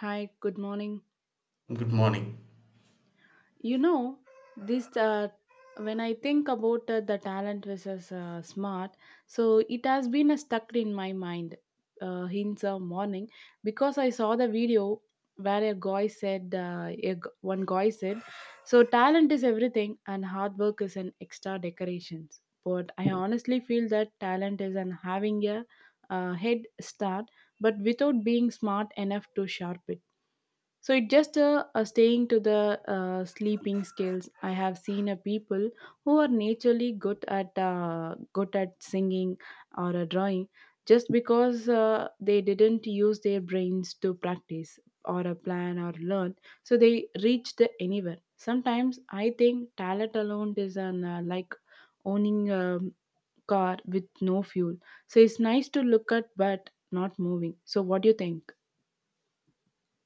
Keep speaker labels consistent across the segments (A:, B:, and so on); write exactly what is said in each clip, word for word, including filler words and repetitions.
A: Hi, good morning.
B: Good morning.
A: You know, this uh, When I think about uh, the talent versus uh, smart, so it has been uh, stuck in my mind uh, in the morning because I saw the video where a guy said, uh, a, g- one guy said, so talent is everything and hard work is an extra decorations. But I honestly feel that talent is an having a uh, head start, but without being smart enough to sharpen. So it just uh, uh, staying to the uh, sleeping skills. I have seen a people who are naturally good at uh, good at singing or uh, drawing, just because uh, they didn't use their brains to practice or a plan or learn. So they reach the anywhere. Sometimes I think talent alone is an uh, like owning a car with no fuel. So it's nice to look at, but not moving. So what do you think?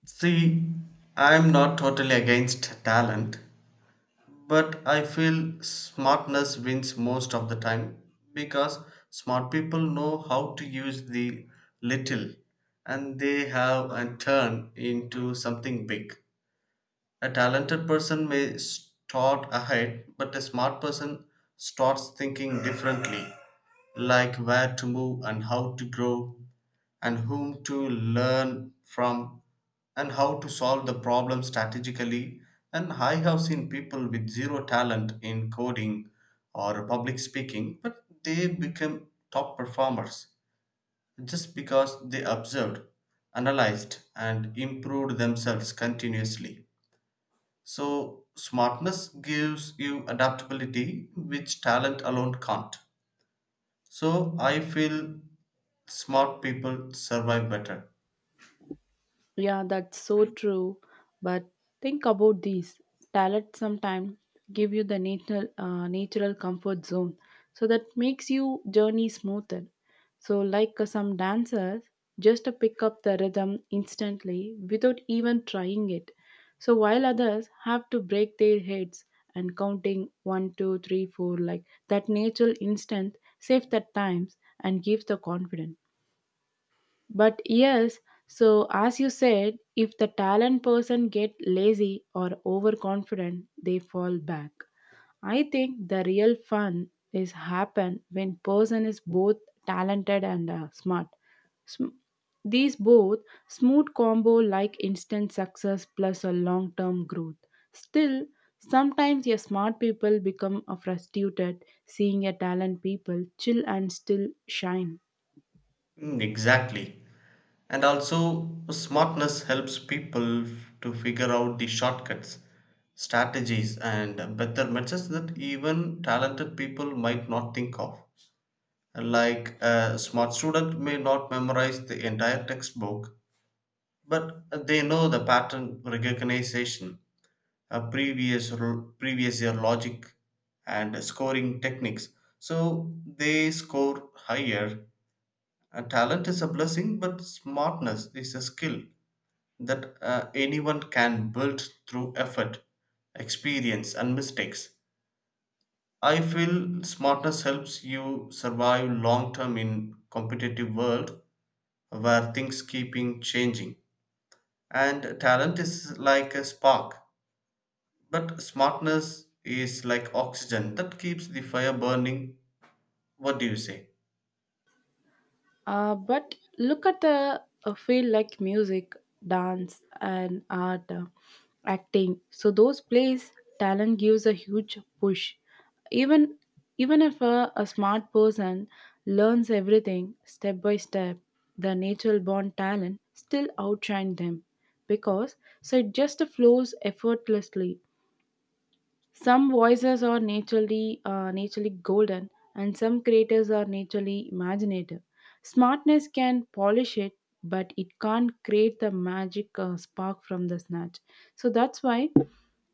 B: See, I'm not totally against talent, but I feel smartness wins most of the time because smart people know how to use the little and they have a turn into something big. A talented person may start ahead, but a smart person starts thinking differently, like where to move and how to grow and whom to learn from and how to solve the problem strategically, and I have seen people with zero talent in coding or public speaking, but they become top performers just because they observed, analyzed, and improved themselves continuously. So smartness gives you adaptability which talent alone can't. So I feel smart people survive better.
A: Yeah, that's so true. But think about these talents sometimes give you the natural, uh, natural comfort zone. So that makes you journey smoother. So like uh, some dancers just to pick up the rhythm instantly without even trying it. So while others have to break their heads and counting one, two, three, four, like that natural instinct saves the times and gives the confidence, but yes, so as you said, if the talent person get lazy or overconfident, they fall back. I think the real fun is happen when person is both talented and uh, smart. Sm- these both smooth combo like instant success plus a long term growth. Still sometimes your smart people become uh, frustrated seeing a talent people chill and still shine.
B: Mm, exactly. And also, smartness helps people f- to figure out the shortcuts, strategies, and better methods that even talented people might not think of. Like a smart student may not memorize the entire textbook, but they know the pattern recognition, a previous r- previous year logic, and scoring techniques. So they score higher. Uh, talent is a blessing, but smartness is a skill that uh, anyone can build through effort, experience, and mistakes. I feel smartness helps you survive long term in competitive world where things keeping changing. And talent is like a spark, but smartness is like oxygen that keeps the fire burning. What do you say?
A: Uh, but look at the uh, field like music, dance, and art, uh, acting. So those plays talent gives a huge push. Even even if a, a smart person learns everything step by step, the natural born talent still outshine them because so it just flows effortlessly. Some voices are naturally uh, naturally golden, and some creators are naturally imaginative. Smartness can polish it, but it can't create the magic uh, spark from the snatch. So that's why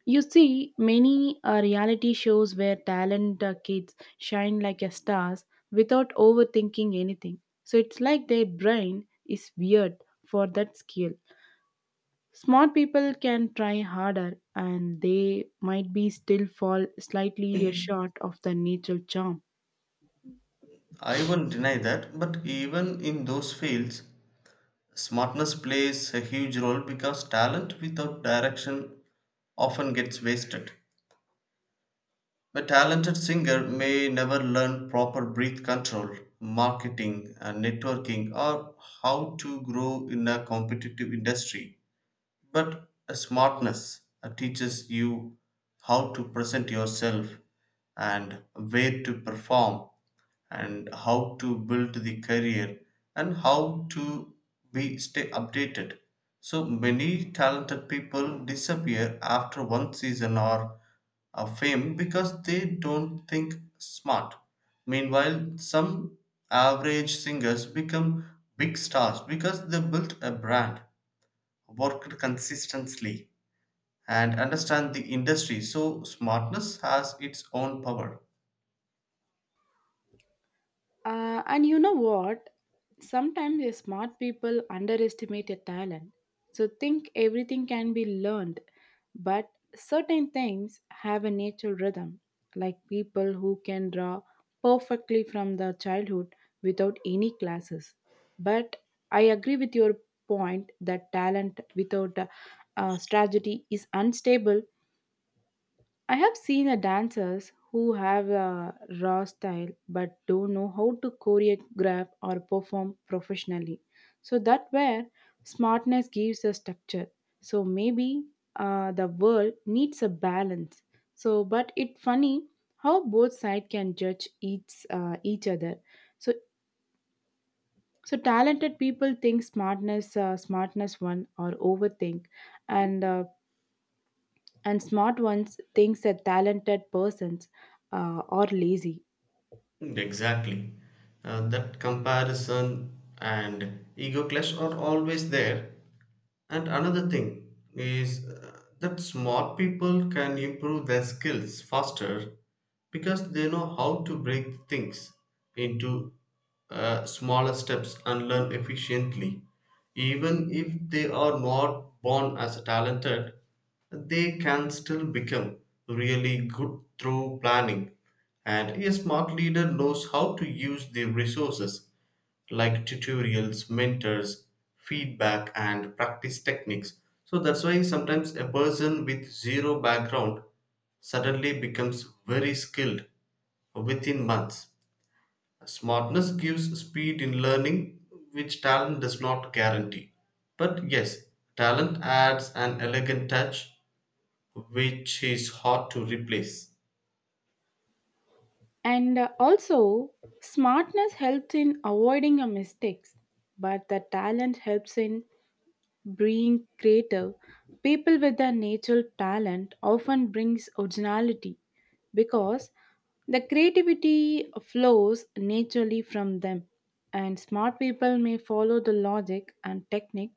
A: you see many uh, reality shows where talent uh, kids shine like a stars without overthinking anything. So it's like their brain is weird for that skill. Smart people can try harder and they might be still fall slightly short of the natural charm.
B: I won't deny that, but even in those fields, smartness plays a huge role because talent without direction often gets wasted. A talented singer may never learn proper breath control, marketing, and networking, or how to grow in a competitive industry. But a smartness uh, teaches you how to present yourself and where to perform and how to build the career and how to be stay updated. So many talented people disappear after one season or a fame because they don't think smart. Meanwhile, some average singers become big stars because they built a brand, worked consistently, and understand the industry. So smartness has its own power.
A: Uh, and you know what? Sometimes the smart people underestimate a talent. So think everything can be learned, but certain things have a natural rhythm, like people who can draw perfectly from the childhood without any classes. But I agree with your point that talent without a, uh strategy is unstable. I have seen a dancers who have a raw style but don't know how to choreograph or perform professionally. So that where smartness gives a structure. So maybe uh, the world needs a balance. So but it funny how both sides can judge each uh, each other. So so talented people think smartness uh, smartness one or overthink, and uh, and smart ones thinks that talented persons uh, are lazy.
B: Mm, exactly. Uh, that comparison and ego clash are always there. And another thing is uh, that smart people can improve their skills faster because they know how to break things into uh, smaller steps and learn efficiently. Even if they are not born as talented, they can still become really good through planning. And a smart leader knows how to use their resources like tutorials, mentors, feedback, and practice techniques. So that's why sometimes a person with zero background suddenly becomes very skilled within months. Smartness gives speed in learning, which talent does not guarantee. But yes, talent adds an elegant touch, which is hard to replace.
A: And uh, also smartness helps in avoiding a mistakes, but the talent helps in being creative. People with a natural talent often brings originality because the creativity flows naturally from them. And smart people may follow the logic and technique,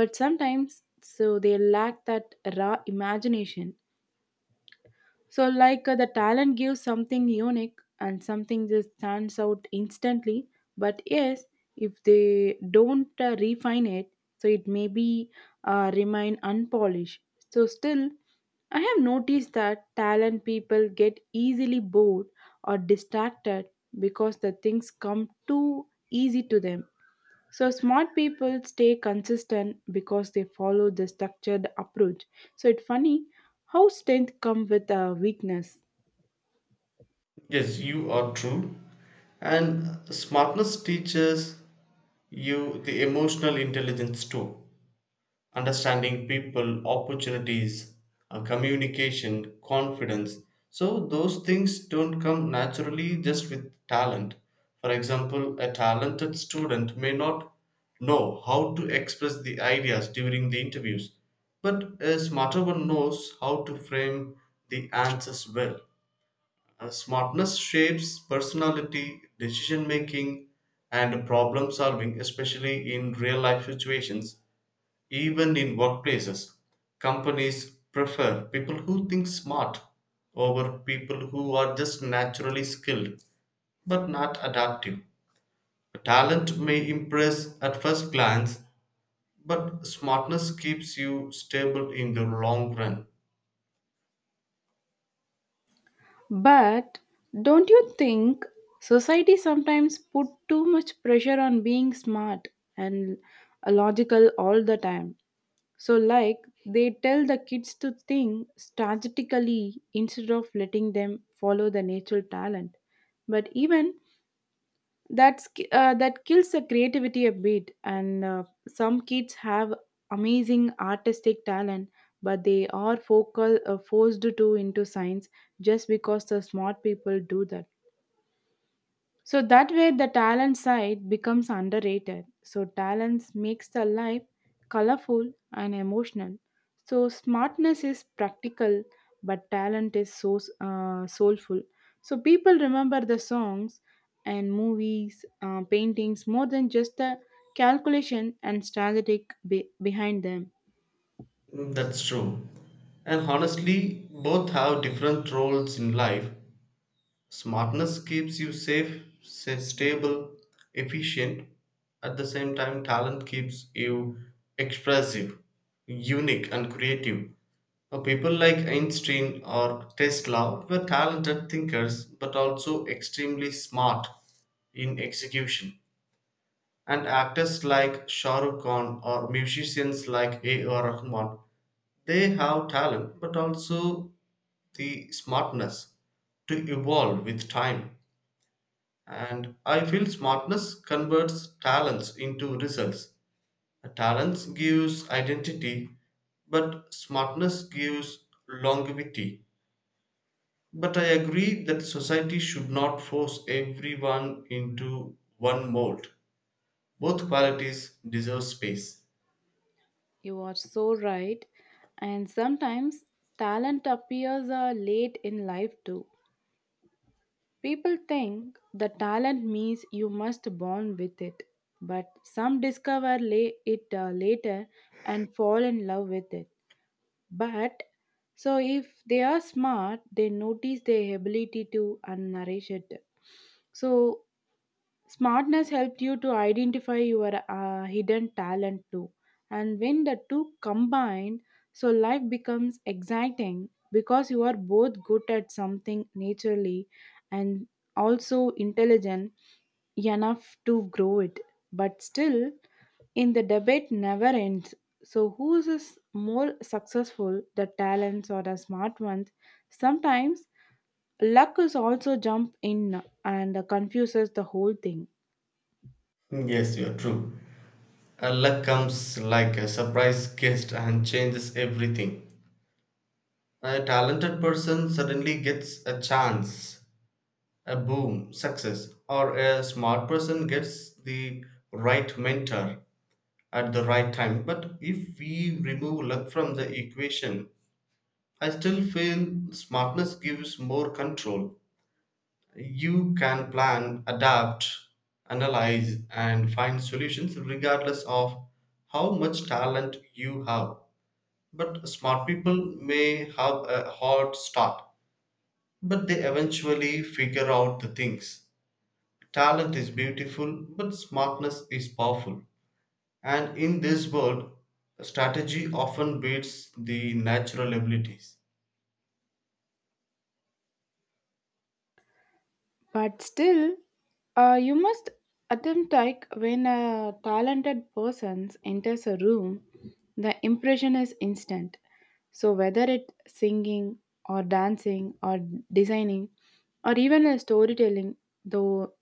A: but sometimes so they lack that raw imagination, so, like uh, the talent gives something unique and something that stands out instantly. But yes, if they don't uh, refine it, so it may be uh, remain unpolished. So, still, I have noticed that talent people get easily bored or distracted because the things come too easy to them. So smart people stay consistent because they follow the structured approach. So it's funny how strength come with a weakness.
B: Yes, you are true. And smartness teaches you the emotional intelligence too. Understanding people, opportunities, uh, communication, confidence. So, those things don't come naturally just with talent. For example, a talented student may not know how to express the ideas during the interviews, but a smarter one knows how to frame the answers well. Uh, smartness shapes personality, decision making, and problem solving, especially in real life situations, even in workplaces. Companies prefer people who think smart over people who are just naturally skilled but not adaptive. Talent may impress at first glance, but smartness keeps you stable in the long run.
A: But don't you think society sometimes put too much pressure on being smart and logical all the time? So like they tell the kids to think strategically instead of letting them follow the natural talent, but even that's ki- uh, that kills the creativity a bit, and uh, some kids have amazing artistic talent but they are focal, uh, forced to into science just because the smart people do that. So that way, the talent side becomes underrated. So talents makes the life colorful and emotional. So smartness is practical, but talent is so uh, soulful. So people remember the songs and movies, uh, paintings more than just the calculation and strategic be- behind them.
B: That's true. And honestly, both have different roles in life. Smartness keeps you safe, sa- stable, efficient. At the same time, talent keeps you expressive, unique, and creative. Uh, People like Einstein or Tesla were talented thinkers but also extremely smart in execution. And actors like Shah Rukh Khan or musicians like A R. Rahman, they have talent but also the smartness to evolve with time. And I feel smartness converts talents into results. Talents gives identity, but smartness gives longevity. But I agree that society should not force everyone into one mold. Both qualities deserve space.
A: You are so right, and sometimes talent appears uh, late in life too. People think the talent means you must born with it, but some discover la- it uh, later and fall in love with it. But so if they are smart, they notice their ability to and nourish it. So smartness helped you to identify your uh, hidden talent too. And when the two combine, so life becomes exciting because you are both good at something naturally and also intelligent enough to grow it. But still, in the debate never ends. So, who is more successful, the talents or the smart ones? Sometimes luck is also jump in and confuses the whole thing.
B: Yes, you are true. Uh, luck comes like a surprise guest and changes everything. A talented person suddenly gets a chance, a boom, success, or a smart person gets the right mentor at the right time. But if we remove luck from the equation, I still feel smartness gives more control. You can plan, adapt, analyze, and find solutions regardless of how much talent you have. But smart people may have a hard start, but they eventually figure out the things. Talent is beautiful, but smartness is powerful. And in this world, strategy often beats the natural abilities.
A: But still, uh, you must attempt like when a talented person enters a room, the impression is instant. So whether it's singing or dancing or designing or even a storytelling, though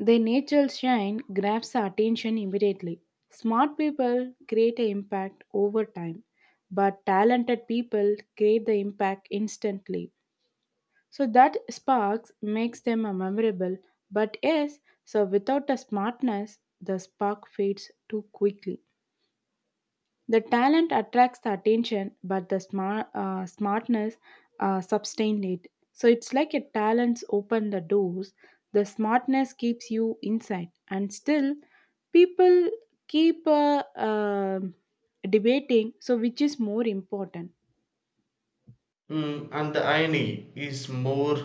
A: their natural shine grabs the attention immediately. Smart people create an impact over time, but talented people create the impact instantly. So that sparks makes them a memorable, but yes, so without a smartness, the spark fades too quickly. The talent attracts the attention, but the smart, uh, smartness uh, sustains it. So it's like a talents open the doors, the smartness keeps you inside, and still people keep uh, um debating. So which is more important?
B: Mm, and the irony is more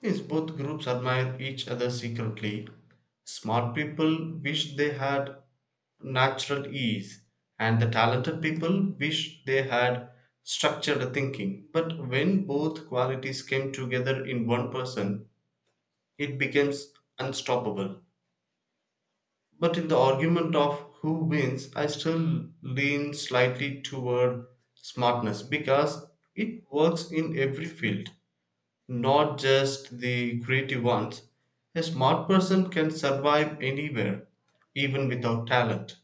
B: is both groups admire each other secretly. Smart people wish they had natural ease, and the talented people wish they had structured thinking. But when both qualities came together in one person, it becomes unstoppable. But in the argument of who wins, I still lean slightly toward smartness because it works in every field, not just the creative ones. A smart person can survive anywhere, even without talent.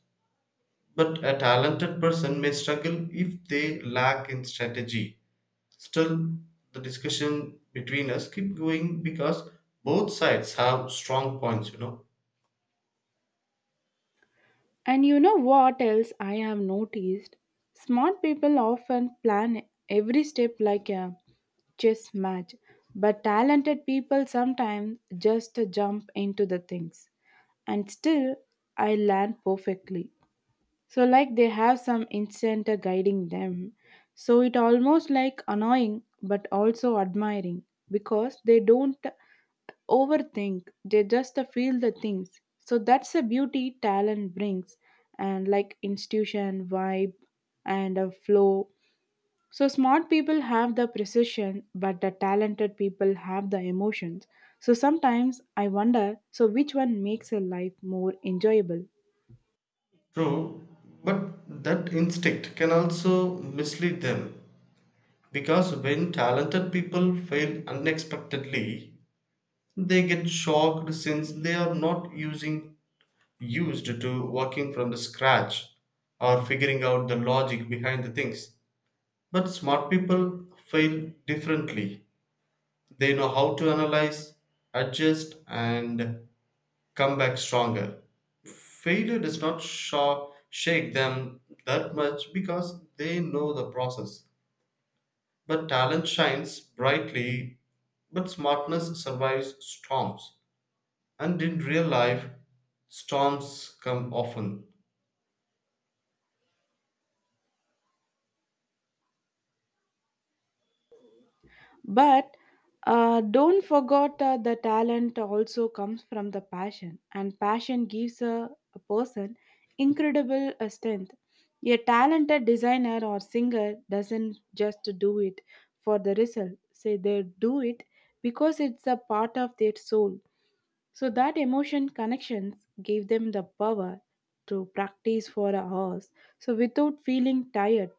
B: But a talented person may struggle if they lack in strategy. Still, the discussion between us keep going because both sides have strong points, you know.
A: And you know what else I have noticed? Smart people often plan every step like a chess match, but talented people sometimes just jump into the things. And still, I land perfectly so like they have some incentive guiding them, so it almost like annoying but also admiring because they don't overthink, they just feel the things. So that's the beauty talent brings, and like institution vibe and a flow. So smart people have the precision but the talented people have the emotions. So sometimes I wonder so which one makes a life more enjoyable.
B: True, but that instinct can also mislead them because when talented people fail unexpectedly, they get shocked since they are not using used to working from the scratch or figuring out the logic behind the things. But smart people fail differently. They know how to analyze, adjust, and come back stronger. Failure does not sho- shake them that much because they know the process. But talent shines brightly, but smartness survives storms. And in real life, storms come often.
A: But uh, don't forget uh, the talent also comes from the passion, and passion gives a, a person incredible uh, strength. A talented designer or singer doesn't just do it for the result, say they do it because it's a part of their soul. So that emotion connections gave them the power to practice for hours, so without feeling tired.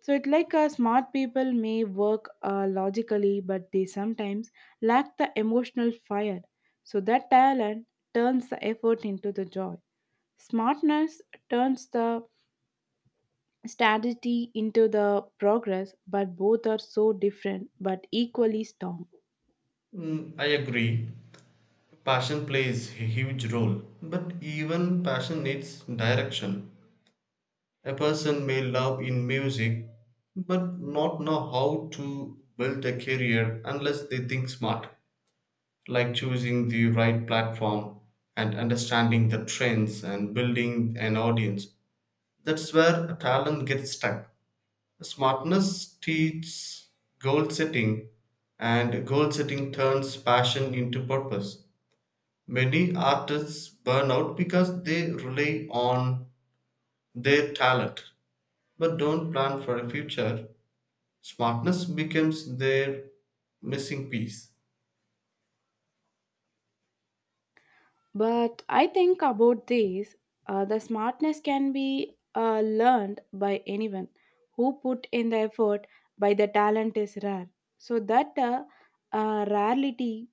A: So it like uh, smart people may work uh, logically, but they sometimes lack the emotional fire. So that talent turns the effort into the joy. Smartness turns the strategy into the progress, but both are so different but equally strong.
B: Mm, I agree. Passion plays a huge role, but even passion needs direction. A person may love in music but not know how to build a career unless they think smart, like choosing the right platform and understanding the trends and building an audience. That's where talent gets stuck. Smartness teaches goal setting, and goal setting turns passion into purpose. Many artists burn out because they rely on their talent but don't plan for a future. Smartness becomes their missing piece.
A: But I think about this uh, the smartness can be uh, learned by anyone who put in the effort by the talent is rare. So that uh, uh, rarity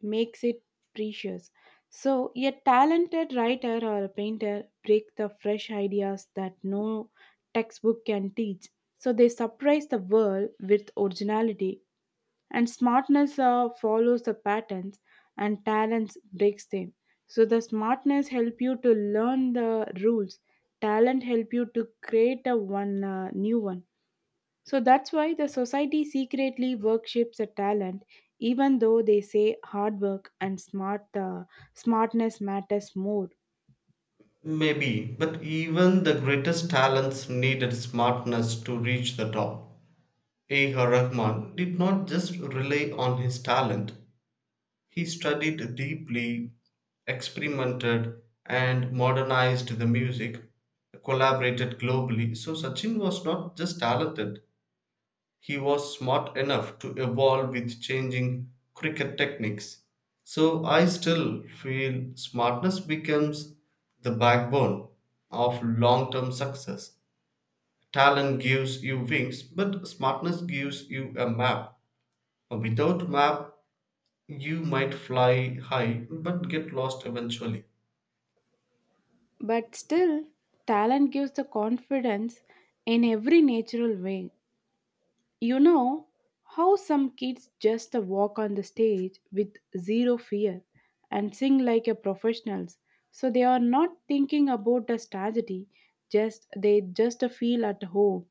A: makes it precious. So a talented writer or a painter break the fresh ideas that no textbook can teach. So they surprise the world with originality, and smartness uh, follows the patterns and talents breaks them. So the smartness help you to learn the rules, talent help you to create a one uh, new one. So that's why the society secretly worships a talent, even though they say hard work and smart uh, smartness matters more.
B: Maybe, but even the greatest talents needed smartness to reach the top. A. R. Rahman did not just rely on his talent, he studied deeply, experimented, and modernized the music, collaborated globally. So, Sachin was not just talented, he was smart enough to evolve with changing cricket techniques. So I still feel smartness becomes the backbone of long term success. Talent gives you wings, but smartness gives you a map. Without map, you might fly high but get lost eventually.
A: But still talent gives the confidence in every natural way. You know how some kids just walk on the stage with zero fear and sing like a professionals. So they are not thinking about the strategy, just they just feel at home.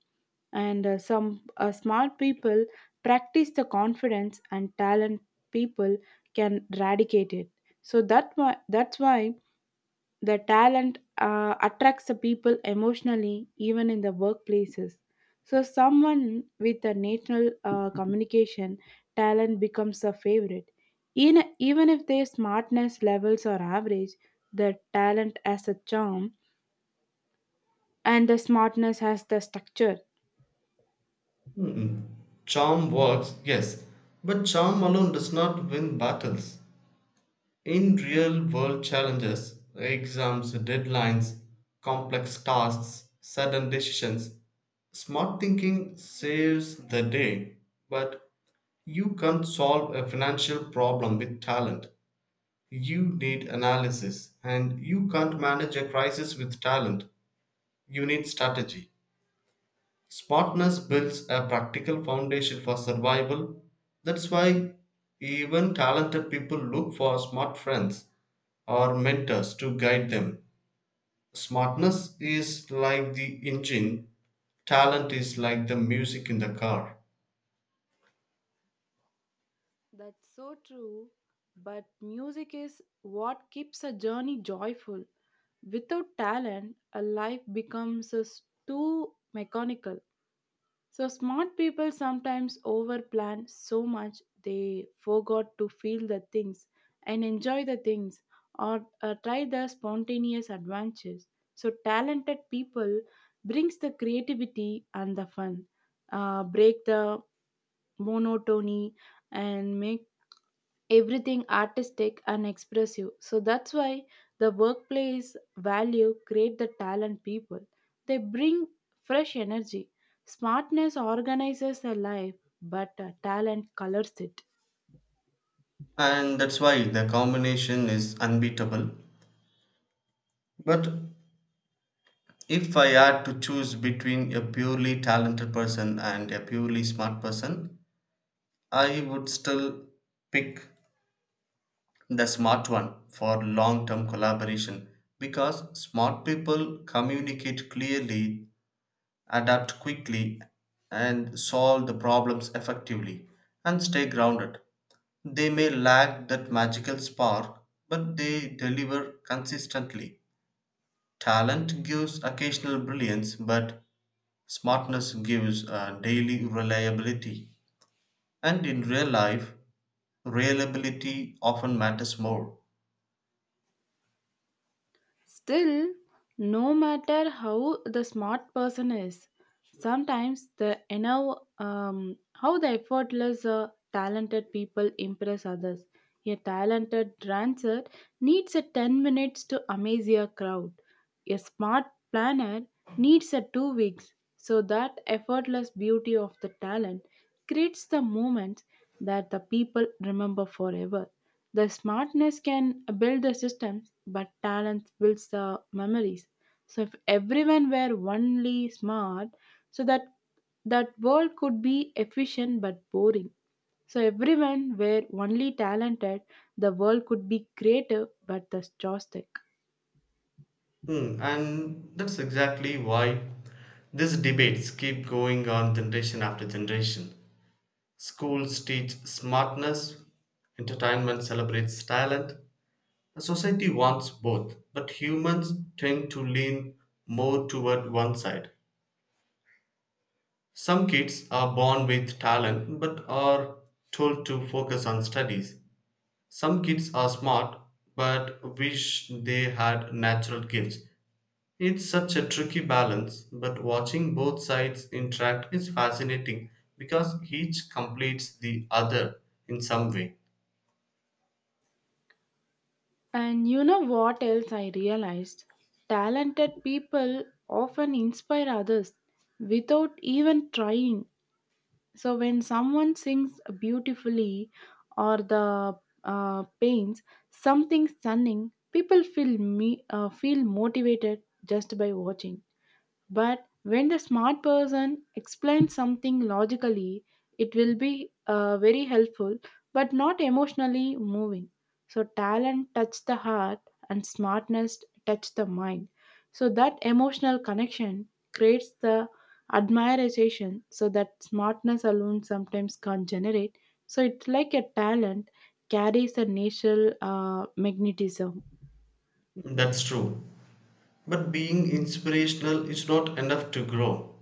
A: And uh, some uh, smart people practice the confidence and talent people can eradicate it. So that why, that's why the talent uh, attracts the people emotionally, even in the workplaces. So, someone with a national uh, communication talent becomes a favorite. In, even if their smartness levels are average, the talent has a charm and the smartness has the structure.
B: Charm works, yes, but charm alone does not win battles. In real world challenges, exams, deadlines, complex tasks, sudden decisions, smart thinking saves the day. But you can't solve a financial problem with talent. You need analysis, and you can't manage a crisis with talent. You need strategy. Smartness builds a practical foundation for survival. That's why even talented people look for smart friends or mentors to guide them. Smartness is like the engine, talent is like the music in the car.
A: That's so true. But music is what keeps a journey joyful. Without talent, a life becomes a s- too mechanical. So smart people sometimes overplan so much they forgot to feel the things and enjoy the things or uh, try the spontaneous adventures. So talented people brings the creativity and the fun, uh, break the monotony and make everything artistic and expressive. So that's why the workplace value create the talent people. They bring fresh energy. Smartness organizes a life, but uh, talent colors it.
B: And that's why the combination is unbeatable. But if I had to choose between a purely talented person and a purely smart person, I would still pick the smart one for long term collaboration because smart people communicate clearly, adapt quickly, and solve the problems effectively and stay grounded. They may lack that magical spark, but they deliver consistently. Talent gives occasional brilliance, but smartness gives uh, daily reliability. And in real life, reliability often matters more.
A: Still, no matter how the smart person is, sometimes the you know um, how the effortless uh, talented people impress others. A talented dancer needs a ten minutes to amaze a crowd. A smart planner needs a two weeks. So that effortless beauty of the talent creates the moments that the people remember forever. The smartness can build the systems, but talent builds the memories. So if everyone were only smart, so that that world could be efficient but boring. So everyone were only talented, the world could be creative but the joystick.
B: Hmm, and that's exactly why these debates keep going on generation after generation. Schools teach smartness, entertainment celebrates talent. Society wants both, but humans tend to lean more toward one side. Some kids are born with talent but are told to focus on studies. Some kids are smart but wish they had natural gifts. It's such a tricky balance, but watching both sides interact is fascinating because each completes the other in some way.
A: And you know what else I realized? Talented people often inspire others without even trying. So when someone sings beautifully or the uh, paints something stunning, people feel me uh, feel motivated just by watching. But when the smart person explains something logically, it will be uh, very helpful but not emotionally moving. So, talent touch the heart and smartness touch the mind. So, that emotional connection creates the admiration so that smartness alone sometimes can't generate. So, it's like a talent carries a natural uh, magnetism.
B: That's true. But being inspirational is not enough to grow.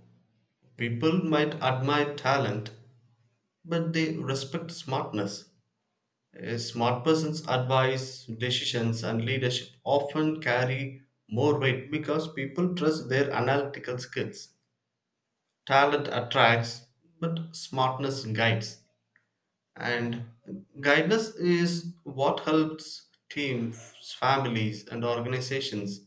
B: People might admire talent, but they respect smartness. A smart person's advice, decisions, and leadership often carry more weight because people trust their analytical skills. Talent attracts, but smartness guides. And guidance is what helps teams, families, and organizations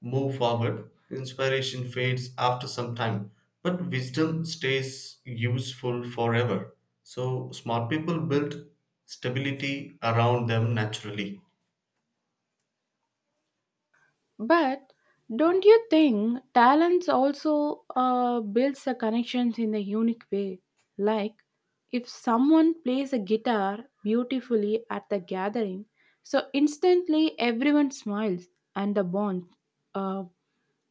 B: move forward. Inspiration fades after some time, but wisdom stays useful forever. So, smart people build stability around them naturally.
A: But don't you think talents also uh, builds the connections in a unique way? Like if someone plays a guitar beautifully at the gathering, so instantly everyone smiles and the bond. Uh,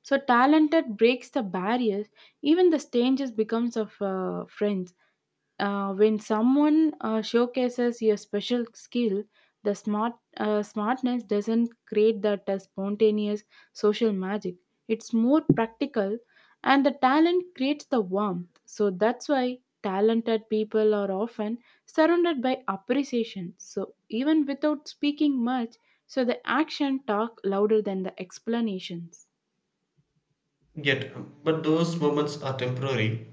A: so talented breaks the barriers, even the strangers becomes of uh, friends. Uh, when someone uh, showcases your special skill, the smart uh, smartness doesn't create that uh, spontaneous social magic. It's more practical, and the talent creates the warmth. So that's why talented people are often surrounded by appreciation. So even without speaking much, so the action talk louder than the explanations.
B: Yet, but those moments are temporary.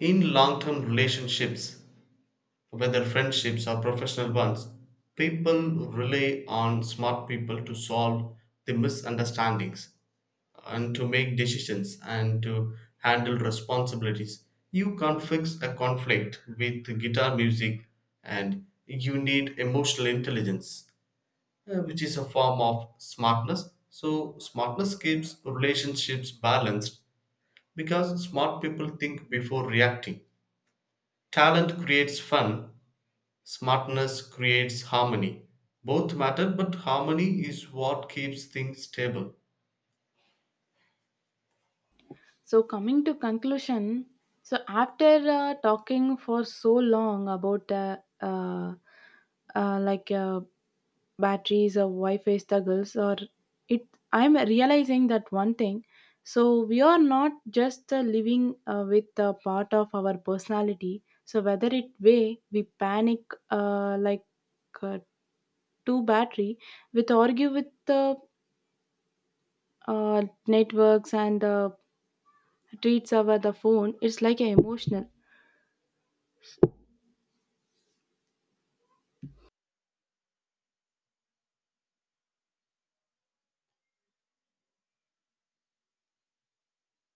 B: In long term relationships, whether friendships or professional ones, people rely on smart people to solve the misunderstandings and to make decisions and to handle responsibilities. You can't fix a conflict with guitar music and you need emotional intelligence, uh, which is a form of smartness. So, smartness keeps relationships balanced because smart people think before reacting. Talent creates fun. Smartness creates harmony. Both matter, but harmony is what keeps things stable.
A: So coming to conclusion, so after uh, talking for so long about uh, uh, uh, like uh, batteries or Wi-Fi struggles, or it, I'm realizing that one thing. So we are not just uh, living uh, with a part of our personality. So whether it way we panic uh, like uh, two battery, with argue with the uh, networks and uh, treats over the phone, it's like a emotional.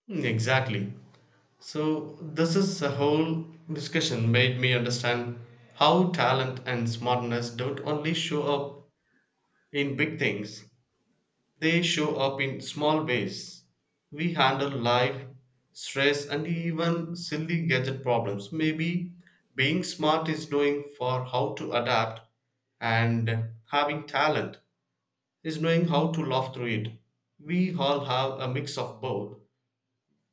B: Mm, exactly. So, this is a whole discussion made me understand how talent and smartness don't only show up in big things, they show up in small ways. We handle life, stress, and even silly gadget problems. Maybe being smart is knowing for how to adapt and having talent is knowing how to laugh through it. We all have a mix of both,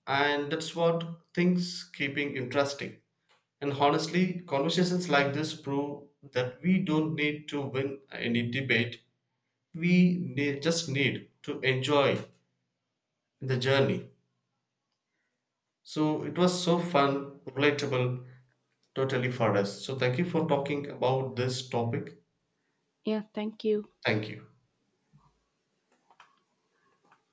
B: and that's what things keeping interesting. And honestly, conversations like this prove that we don't need to win any debate. We ne- just need to enjoy the journey. So it was so fun, relatable, totally for us. So thank you for talking about this topic.
A: Yeah, thank you.
B: Thank you.